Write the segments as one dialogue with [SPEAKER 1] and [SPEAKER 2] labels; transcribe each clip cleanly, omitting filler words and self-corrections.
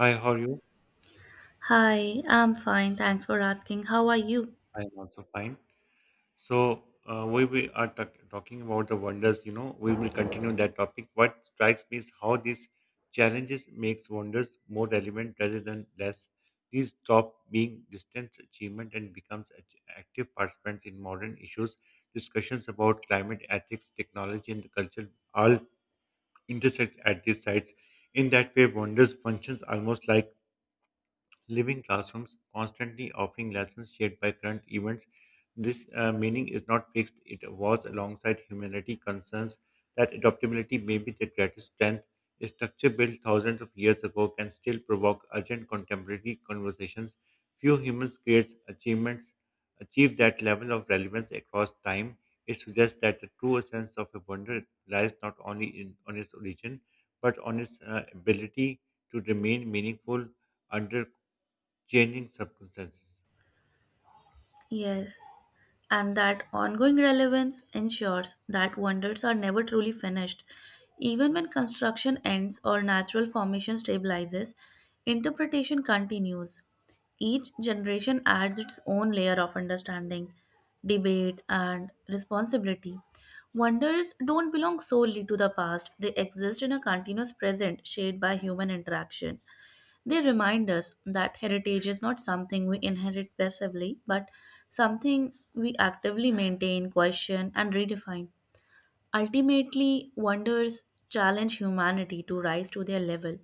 [SPEAKER 1] Hi, how are you?
[SPEAKER 2] Hi, I'm fine. Thanks for asking. How are you?
[SPEAKER 1] I am also fine. So we are talking about the wonders, we will continue that topic. What strikes me is how these challenges makes wonders more relevant rather than less. These stop being distant achievement and becomes active participants in modern issues. Discussions about climate, ethics, technology, and the culture all intersect at these sites. In that way, wonders functions almost like living classrooms, constantly offering lessons shaped by current events. This meaning is not fixed, it evolves alongside humanity concerns that adaptability may be their greatest strength. A structure built thousands of years ago can still provoke urgent contemporary conversations. Few humans creates achievements achieve that level of relevance across time. It suggests that the true essence of a wonder lies not only in on its origin, but on its ability to remain meaningful under changing circumstances.
[SPEAKER 2] Yes. And that ongoing relevance ensures that wonders are never truly finished. Even when construction ends or natural formation stabilizes, interpretation continues. Each generation adds its own layer of understanding, debate, and responsibility. Wonders don't belong solely to the past, they exist in a continuous present shaped by human interaction. They remind us that heritage is not something we inherit passively, but something we actively maintain, question, and redefine. Ultimately, wonders challenge humanity to rise to their level,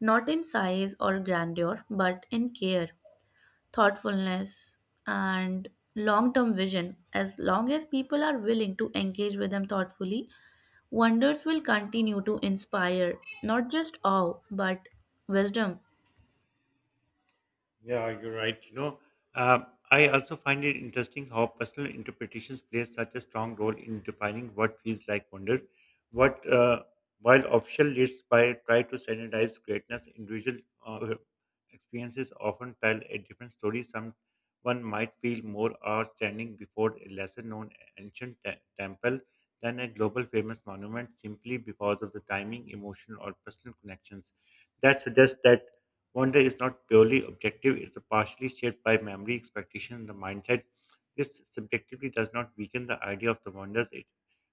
[SPEAKER 2] not in size or grandeur, but in care, thoughtfulness, and long term vision. As long as people are willing to engage with them thoughtfully, wonders will continue to inspire not just awe, but wisdom.
[SPEAKER 1] Yeah, you're right. I also find it interesting how personal interpretations play such a strong role in defining what feels like wonder. What While official lists by try to standardize greatness, individual uh, experiences often tell a different story. Some one might feel more awe standing before a lesser known ancient temple than a global famous monument simply because of the timing, emotion, or personal connections that suggests that wonder is not purely objective, it's partially shaped by memory, expectation, and the mindset. This subjectivity does not weaken the idea of the wonders, it,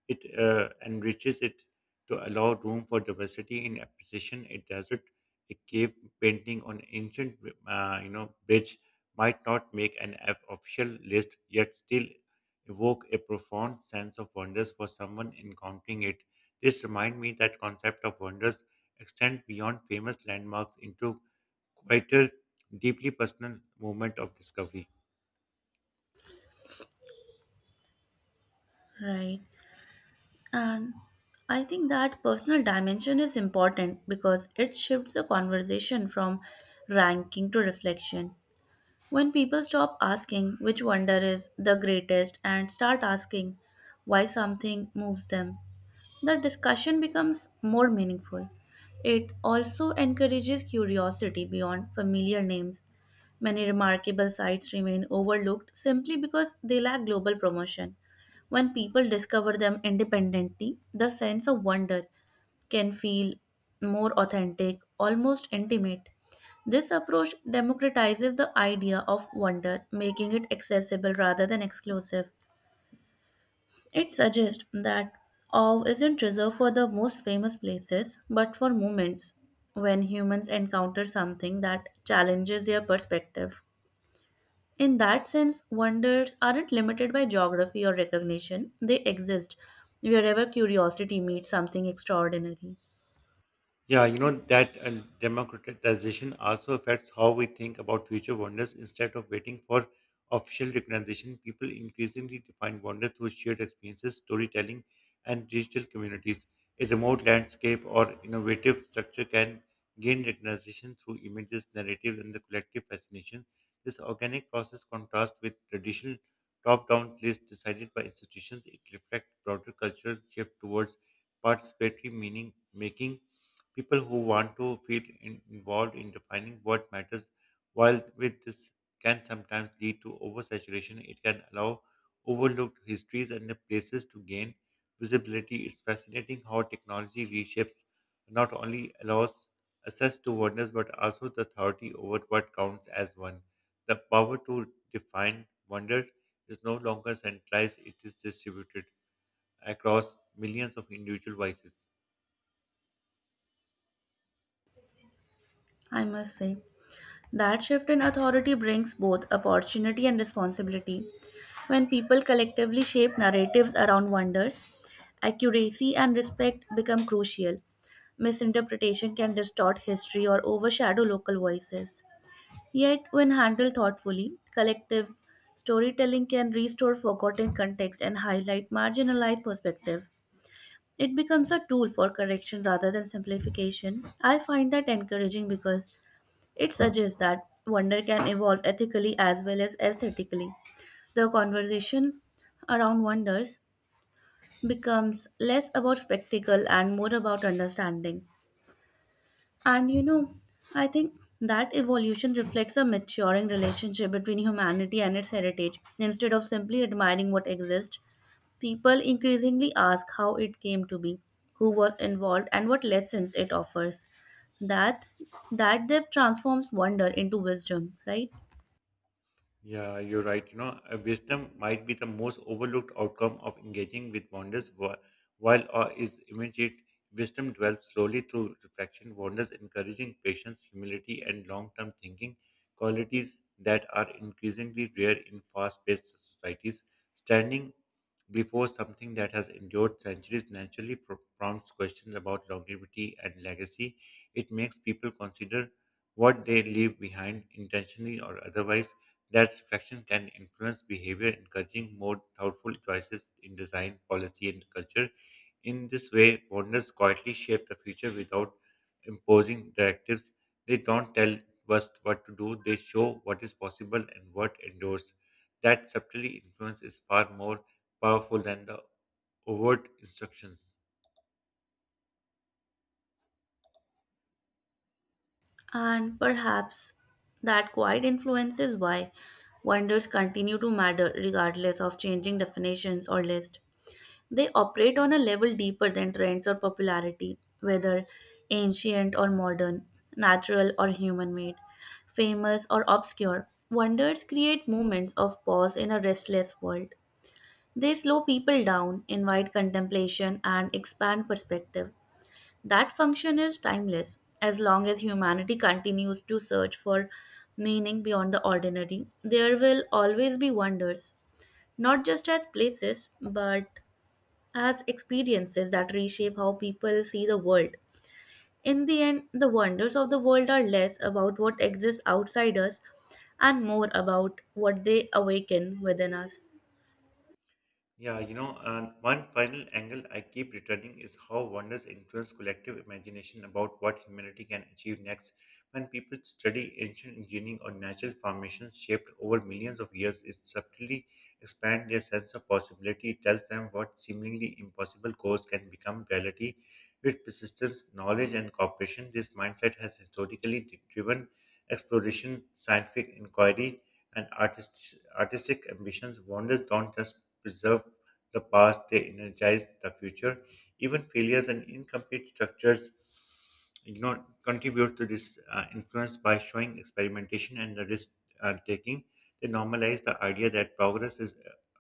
[SPEAKER 1] it uh, enriches it to allow room for diversity in appreciation. A desert, a cave painting on ancient bridge might not make an official list, yet still evoke a profound sense of wonders for someone encountering it. This reminds me that concept of wonders extend beyond famous landmarks into quieter, deeply personal moment of discovery.
[SPEAKER 2] Right. And I think that personal dimension is important because it shifts the conversation from ranking to reflection. When people stop asking which wonder is the greatest and start asking why something moves them, the discussion becomes more meaningful. It also encourages curiosity beyond familiar names. Many remarkable sites remain overlooked simply because they lack global promotion. When people discover them independently, the sense of wonder can feel more authentic, almost intimate. This approach democratizes the idea of wonder, making it accessible rather than exclusive. It suggests that awe isn't reserved for the most famous places, but for moments when humans encounter something that challenges their perspective. In that sense, wonders aren't limited by geography or recognition, they exist wherever curiosity meets something extraordinary.
[SPEAKER 1] Yeah, you know that democratization also affects how we think about future wonders. Instead of waiting for official recognition, people increasingly define wonder through shared experiences, storytelling, and digital communities. A remote landscape or innovative structure can gain recognition through images, narrative, and the collective fascination. This organic process contrasts with traditional top-down lists decided by institutions. It reflects broader cultural shift towards participatory meaning making people who want to involved in defining what matters while with this can sometimes lead to oversaturation, it can allow overlooked histories and the places to gain visibility. It's fascinating how technology reshapes not only allows access to wonders but also the authority over what counts as one. The power to define wonder is no longer centralized, it is distributed across millions of individual voices.
[SPEAKER 2] I must say, that shift in authority brings both opportunity and responsibility. When people collectively shape narratives around wonders, accuracy and respect become crucial. Misinterpretation can distort history or overshadow local voices. Yet, when handled thoughtfully, collective storytelling can restore forgotten context and highlight marginalized perspective. It becomes a tool for correction rather than simplification. I find that encouraging because it suggests that wonder can evolve ethically as well as aesthetically. The conversation around wonders becomes less about spectacle and more about understanding. And you know, I think that evolution reflects a maturing relationship between humanity and its heritage. Instead of simply admiring what exists, people increasingly ask how it came to be, who was involved, and what lessons it offers. That that depth transforms wonder into wisdom, right?
[SPEAKER 1] Yeah, you're right. Wisdom might be the most overlooked outcome of engaging with wonders, while awe is immediate. Wisdom develops slowly through reflection, wonders encouraging patience, humility, and long term thinking, qualities that are increasingly rare in fast paced societies. Standing before something that has endured centuries naturally prompts questions about longevity and legacy. It makes people consider what they leave behind, intentionally or otherwise that reflection can influence behavior, encouraging more thoughtful choices in design, policy, and culture. In this way, founders quietly shape the future without imposing directives. They don't tell us what to do, they show what is possible and what endures. That subtly influence is far more powerful than the overt instructions.
[SPEAKER 2] And perhaps that quiet influence is why wonders continue to matter regardless of changing definitions or lists. They operate on a level deeper than trends or popularity, whether ancient or modern, natural or human made, famous or obscure. Wonders create moments of pause in a restless world. They slow people down, invite contemplation, and expand perspective. That function is timeless. As long as humanity continues to search for meaning beyond the ordinary, there will always be wonders, not just as places, but as experiences that reshape how people see the world. In the end, the wonders of the world are less about what exists outside us and more about what they awaken within us.
[SPEAKER 1] Yeah, one final angle I keep returning is how wonders influence collective imagination about what humanity can achieve next. When people study ancient engineering or natural formations shaped over millions of years, it subtly expands their sense of possibility. It tells them what seemingly impossible goals can become reality with persistence, knowledge, and cooperation. This mindset has historically driven exploration, scientific inquiry, and artistic ambitions, wonders don't just preserve the past, they energize the future. Even failures and incomplete structures contribute to this influence by showing experimentation and the risk taking. They normalize the idea that progress is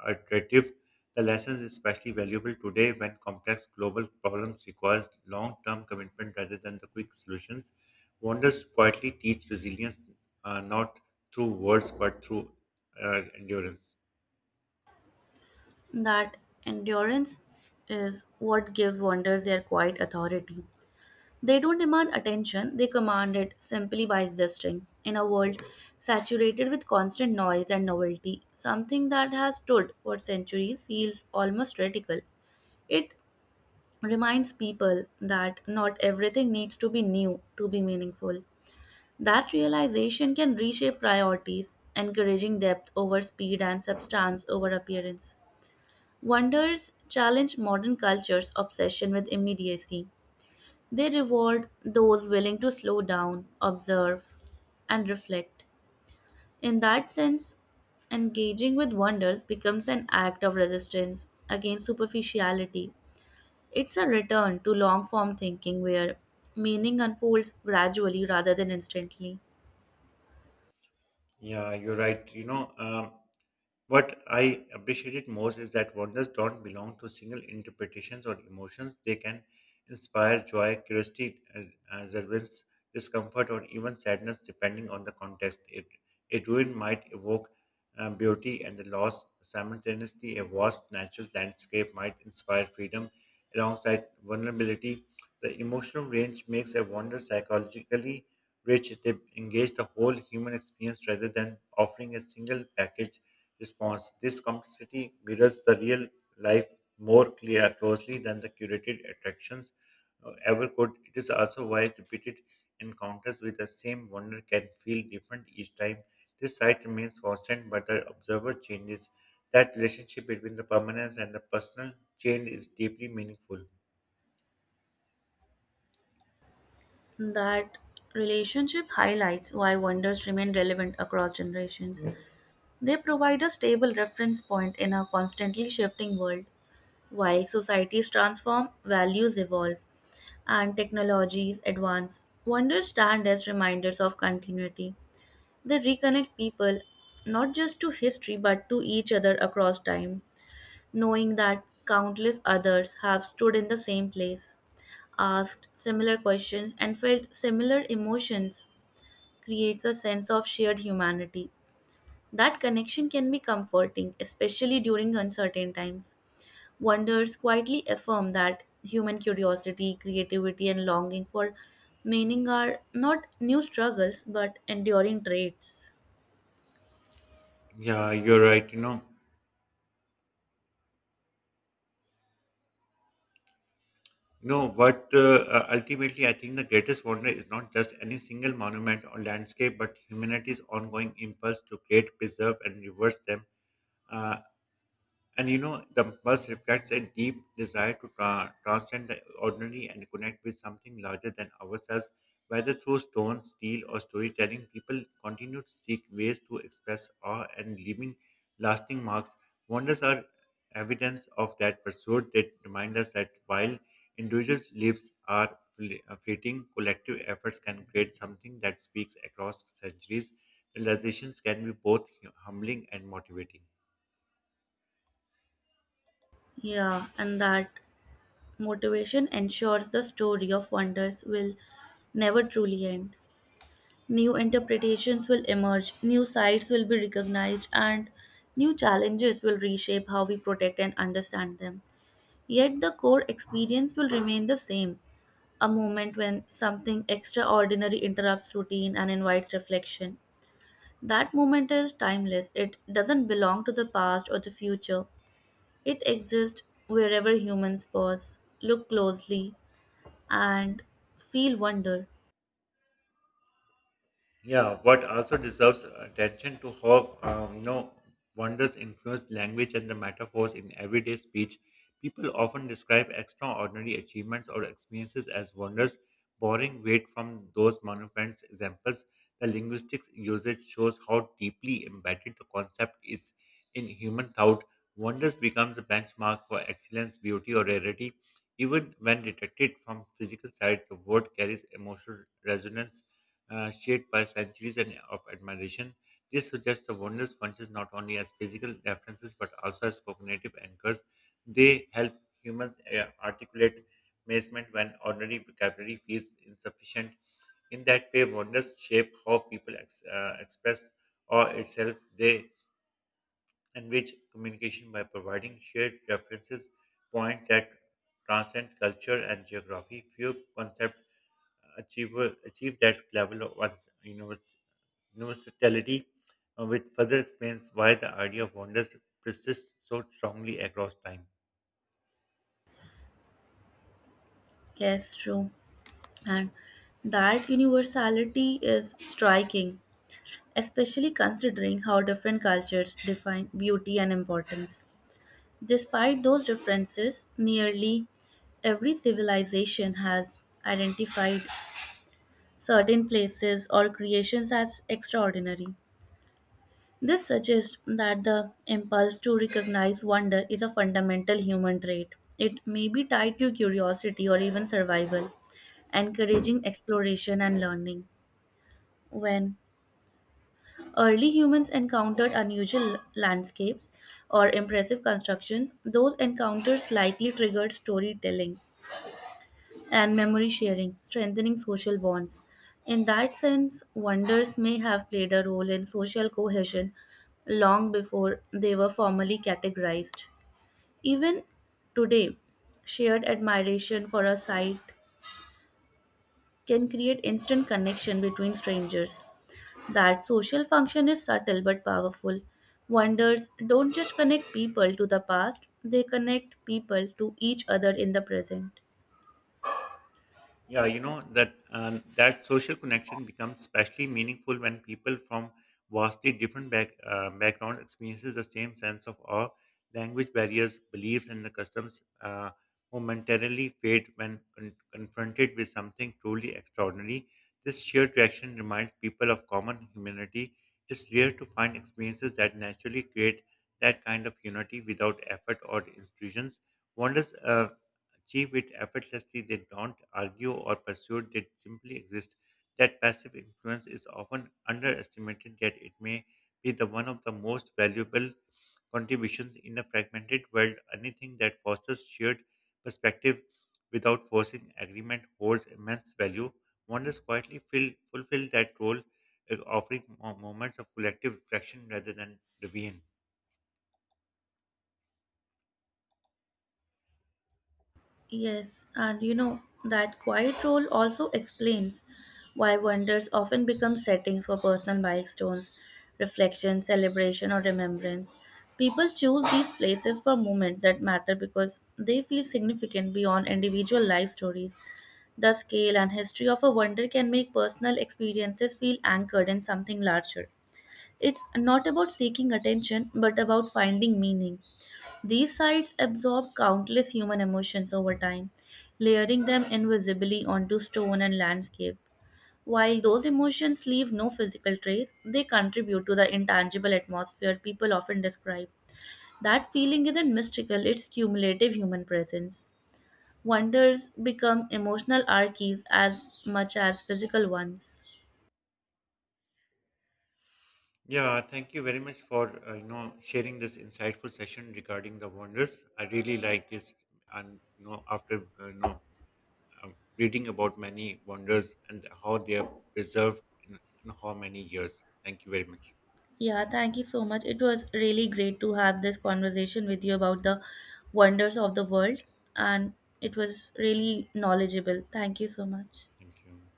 [SPEAKER 1] iterative. The lesson is especially valuable today when complex global problems require long term commitment rather than the quick solutions. Wonders quietly teach resilience, not through words but through endurance.
[SPEAKER 2] That endurance is what gives wonders their quiet authority. They don't demand attention, they command it simply by existing. In a world saturated with constant noise and novelty, something that has stood for centuries feels almost radical. It reminds people that not everything needs to be new to be meaningful. That realization can reshape priorities, encouraging depth over speed and substance over appearance. Wonders challenge modern culture's obsession with immediacy. They reward those willing to slow down, observe, and reflect. In that sense, engaging with wonders becomes an act of resistance against superficiality. It's a return to long form thinking where meaning unfolds gradually rather than instantly.
[SPEAKER 1] Yeah, you're right. What I appreciated most is that wonders don't belong to single interpretations or emotions. They can inspire joy, curiosity, and resilience, discomfort, or even sadness, depending on the context. It, a ruin might evoke beauty and the loss. Simultaneously, a vast natural landscape might inspire freedom alongside vulnerability. The emotional range makes a wonder psychologically rich. They engage the whole human experience rather than offering a single package response. This complexity mirrors the real life more clear closely than the curated attractions ever could. It is also why repeated encounters with the same wonder can feel different each time. This site remains constant, but the observer changes. That relationship between the permanence and the personal change is deeply meaningful.
[SPEAKER 2] That relationship highlights why wonders remain relevant across generations. They provide a stable reference point in a constantly shifting world. While societies transform, values evolve, and technologies advance, wonders stand as reminders of continuity. They reconnect people not just to history but to each other across time. Knowing that countless others have stood in the same place, asked similar questions, and felt similar emotions creates a sense of shared humanity. That connection can be comforting, especially during uncertain times. Wonders quietly affirm that human curiosity, creativity, and longing for meaning are not new struggles but enduring traits.
[SPEAKER 1] Yeah, you're right. You know, no, but ultimately, I think the greatest wonder is not just any single monument or landscape, but humanity's ongoing impulse to create, preserve, and reverse them. Uh, the bus reflects a deep desire to transcend the ordinary and connect with something larger than ourselves. Whether through stone, steel, or storytelling, people continue to seek ways to express awe and leaving lasting marks. Wonders are evidence of that pursuit. They remind us that while individual lives are fleeting, collective efforts can create something that speaks across centuries. Realizations can be both humbling and motivating.
[SPEAKER 2] Yeah, and that motivation ensures the story of wonders will never truly end. New interpretations will emerge, new sites will be recognized, and new challenges will reshape how we protect and understand them. Yet the core experience will remain the same, a moment when something extraordinary interrupts routine and invites reflection. That moment is timeless, it doesn't belong to the past or the future. It exists wherever humans pause, look closely, and feel wonder.
[SPEAKER 1] Yeah, what also deserves attention to how wonders influence language and the metaphors in everyday speech. People often describe extraordinary achievements or experiences as wonders, borrowing weight from those monophonic examples. The linguistic usage shows how deeply embedded the concept is in human thought. Wonders becomes a benchmark for excellence, beauty, or rarity. Even when detected from physical side, the word carries emotional resonance, shaped by centuries and of admiration. This suggests the wondrous punches not only as physical references but also as cognitive anchors. They help humans articulate amazement when ordinary vocabulary feels insufficient. In that way, wonders shape how people express or itself. They enrich communication by providing shared references, points that transcend culture and geography. Few concepts achieve achieve that level of once versatility, which further explains why the idea of wonders persists so strongly across time.
[SPEAKER 2] Yes, true. And that universality is striking, especially considering how different cultures define beauty and importance. Despite those differences, nearly every civilization has identified certain places or creations as extraordinary. This suggests that the impulse to recognize wonder is a fundamental human trait. It may be tied to curiosity or even survival, encouraging exploration and learning. When early humans encountered unusual landscapes or impressive constructions, those encounters likely triggered storytelling and memory sharing, strengthening social bonds. In that sense, wonders may have played a role in social cohesion long before they were formally categorized. Even today, shared admiration for a site can create instant connection between strangers. That social function is subtle but powerful. Wonders don't just connect people to the past, they connect people to each other in the present.
[SPEAKER 1] Yeah, you know that social connection becomes especially meaningful when people from vastly different background experiences the same sense of awe. Language barriers, beliefs, and the customs momentarily fade when confronted with something truly extraordinary. This shared reaction reminds people of common humanity. It's rare to find experiences that naturally create that kind of unity without effort or institutions. Wonders achieve it effortlessly. They don't argue or pursue, they simply exist. That passive influence is often underestimated, yet it may be the one of the most valuable contributions in a fragmented world. Anything that fosters shared perspective without forcing agreement holds immense value. Wonders quietly fulfill that role, offering moments of collective reflection rather than rebellion.
[SPEAKER 2] Yes, and you know, that quiet role also explains why wonders often become settings for personal milestones, reflection, celebration, or remembrance. People choose these places for moments that matter because they feel significant beyond individual life stories. The scale and history of a wonder can make personal experiences feel anchored in something larger. It's not about seeking attention, but about finding meaning. These sites absorb countless human emotions over time, layering them invisibly onto stone and landscape. While those emotions leave no physical trace, they contribute to the intangible atmosphere people often describe. That feeling isn't mystical, it's cumulative human presence. Wonders become emotional archives as much as physical ones.
[SPEAKER 1] Yeah, thank you very much for sharing this insightful session regarding the wonders. I really like this, and you know after reading about many wonders and how they are preserved in how many years. Thank you very much.
[SPEAKER 2] Yeah, thank you so much. It was really great to have this conversation with you about the wonders of the world, and it was really knowledgeable. Thank you so much.
[SPEAKER 1] Thank you.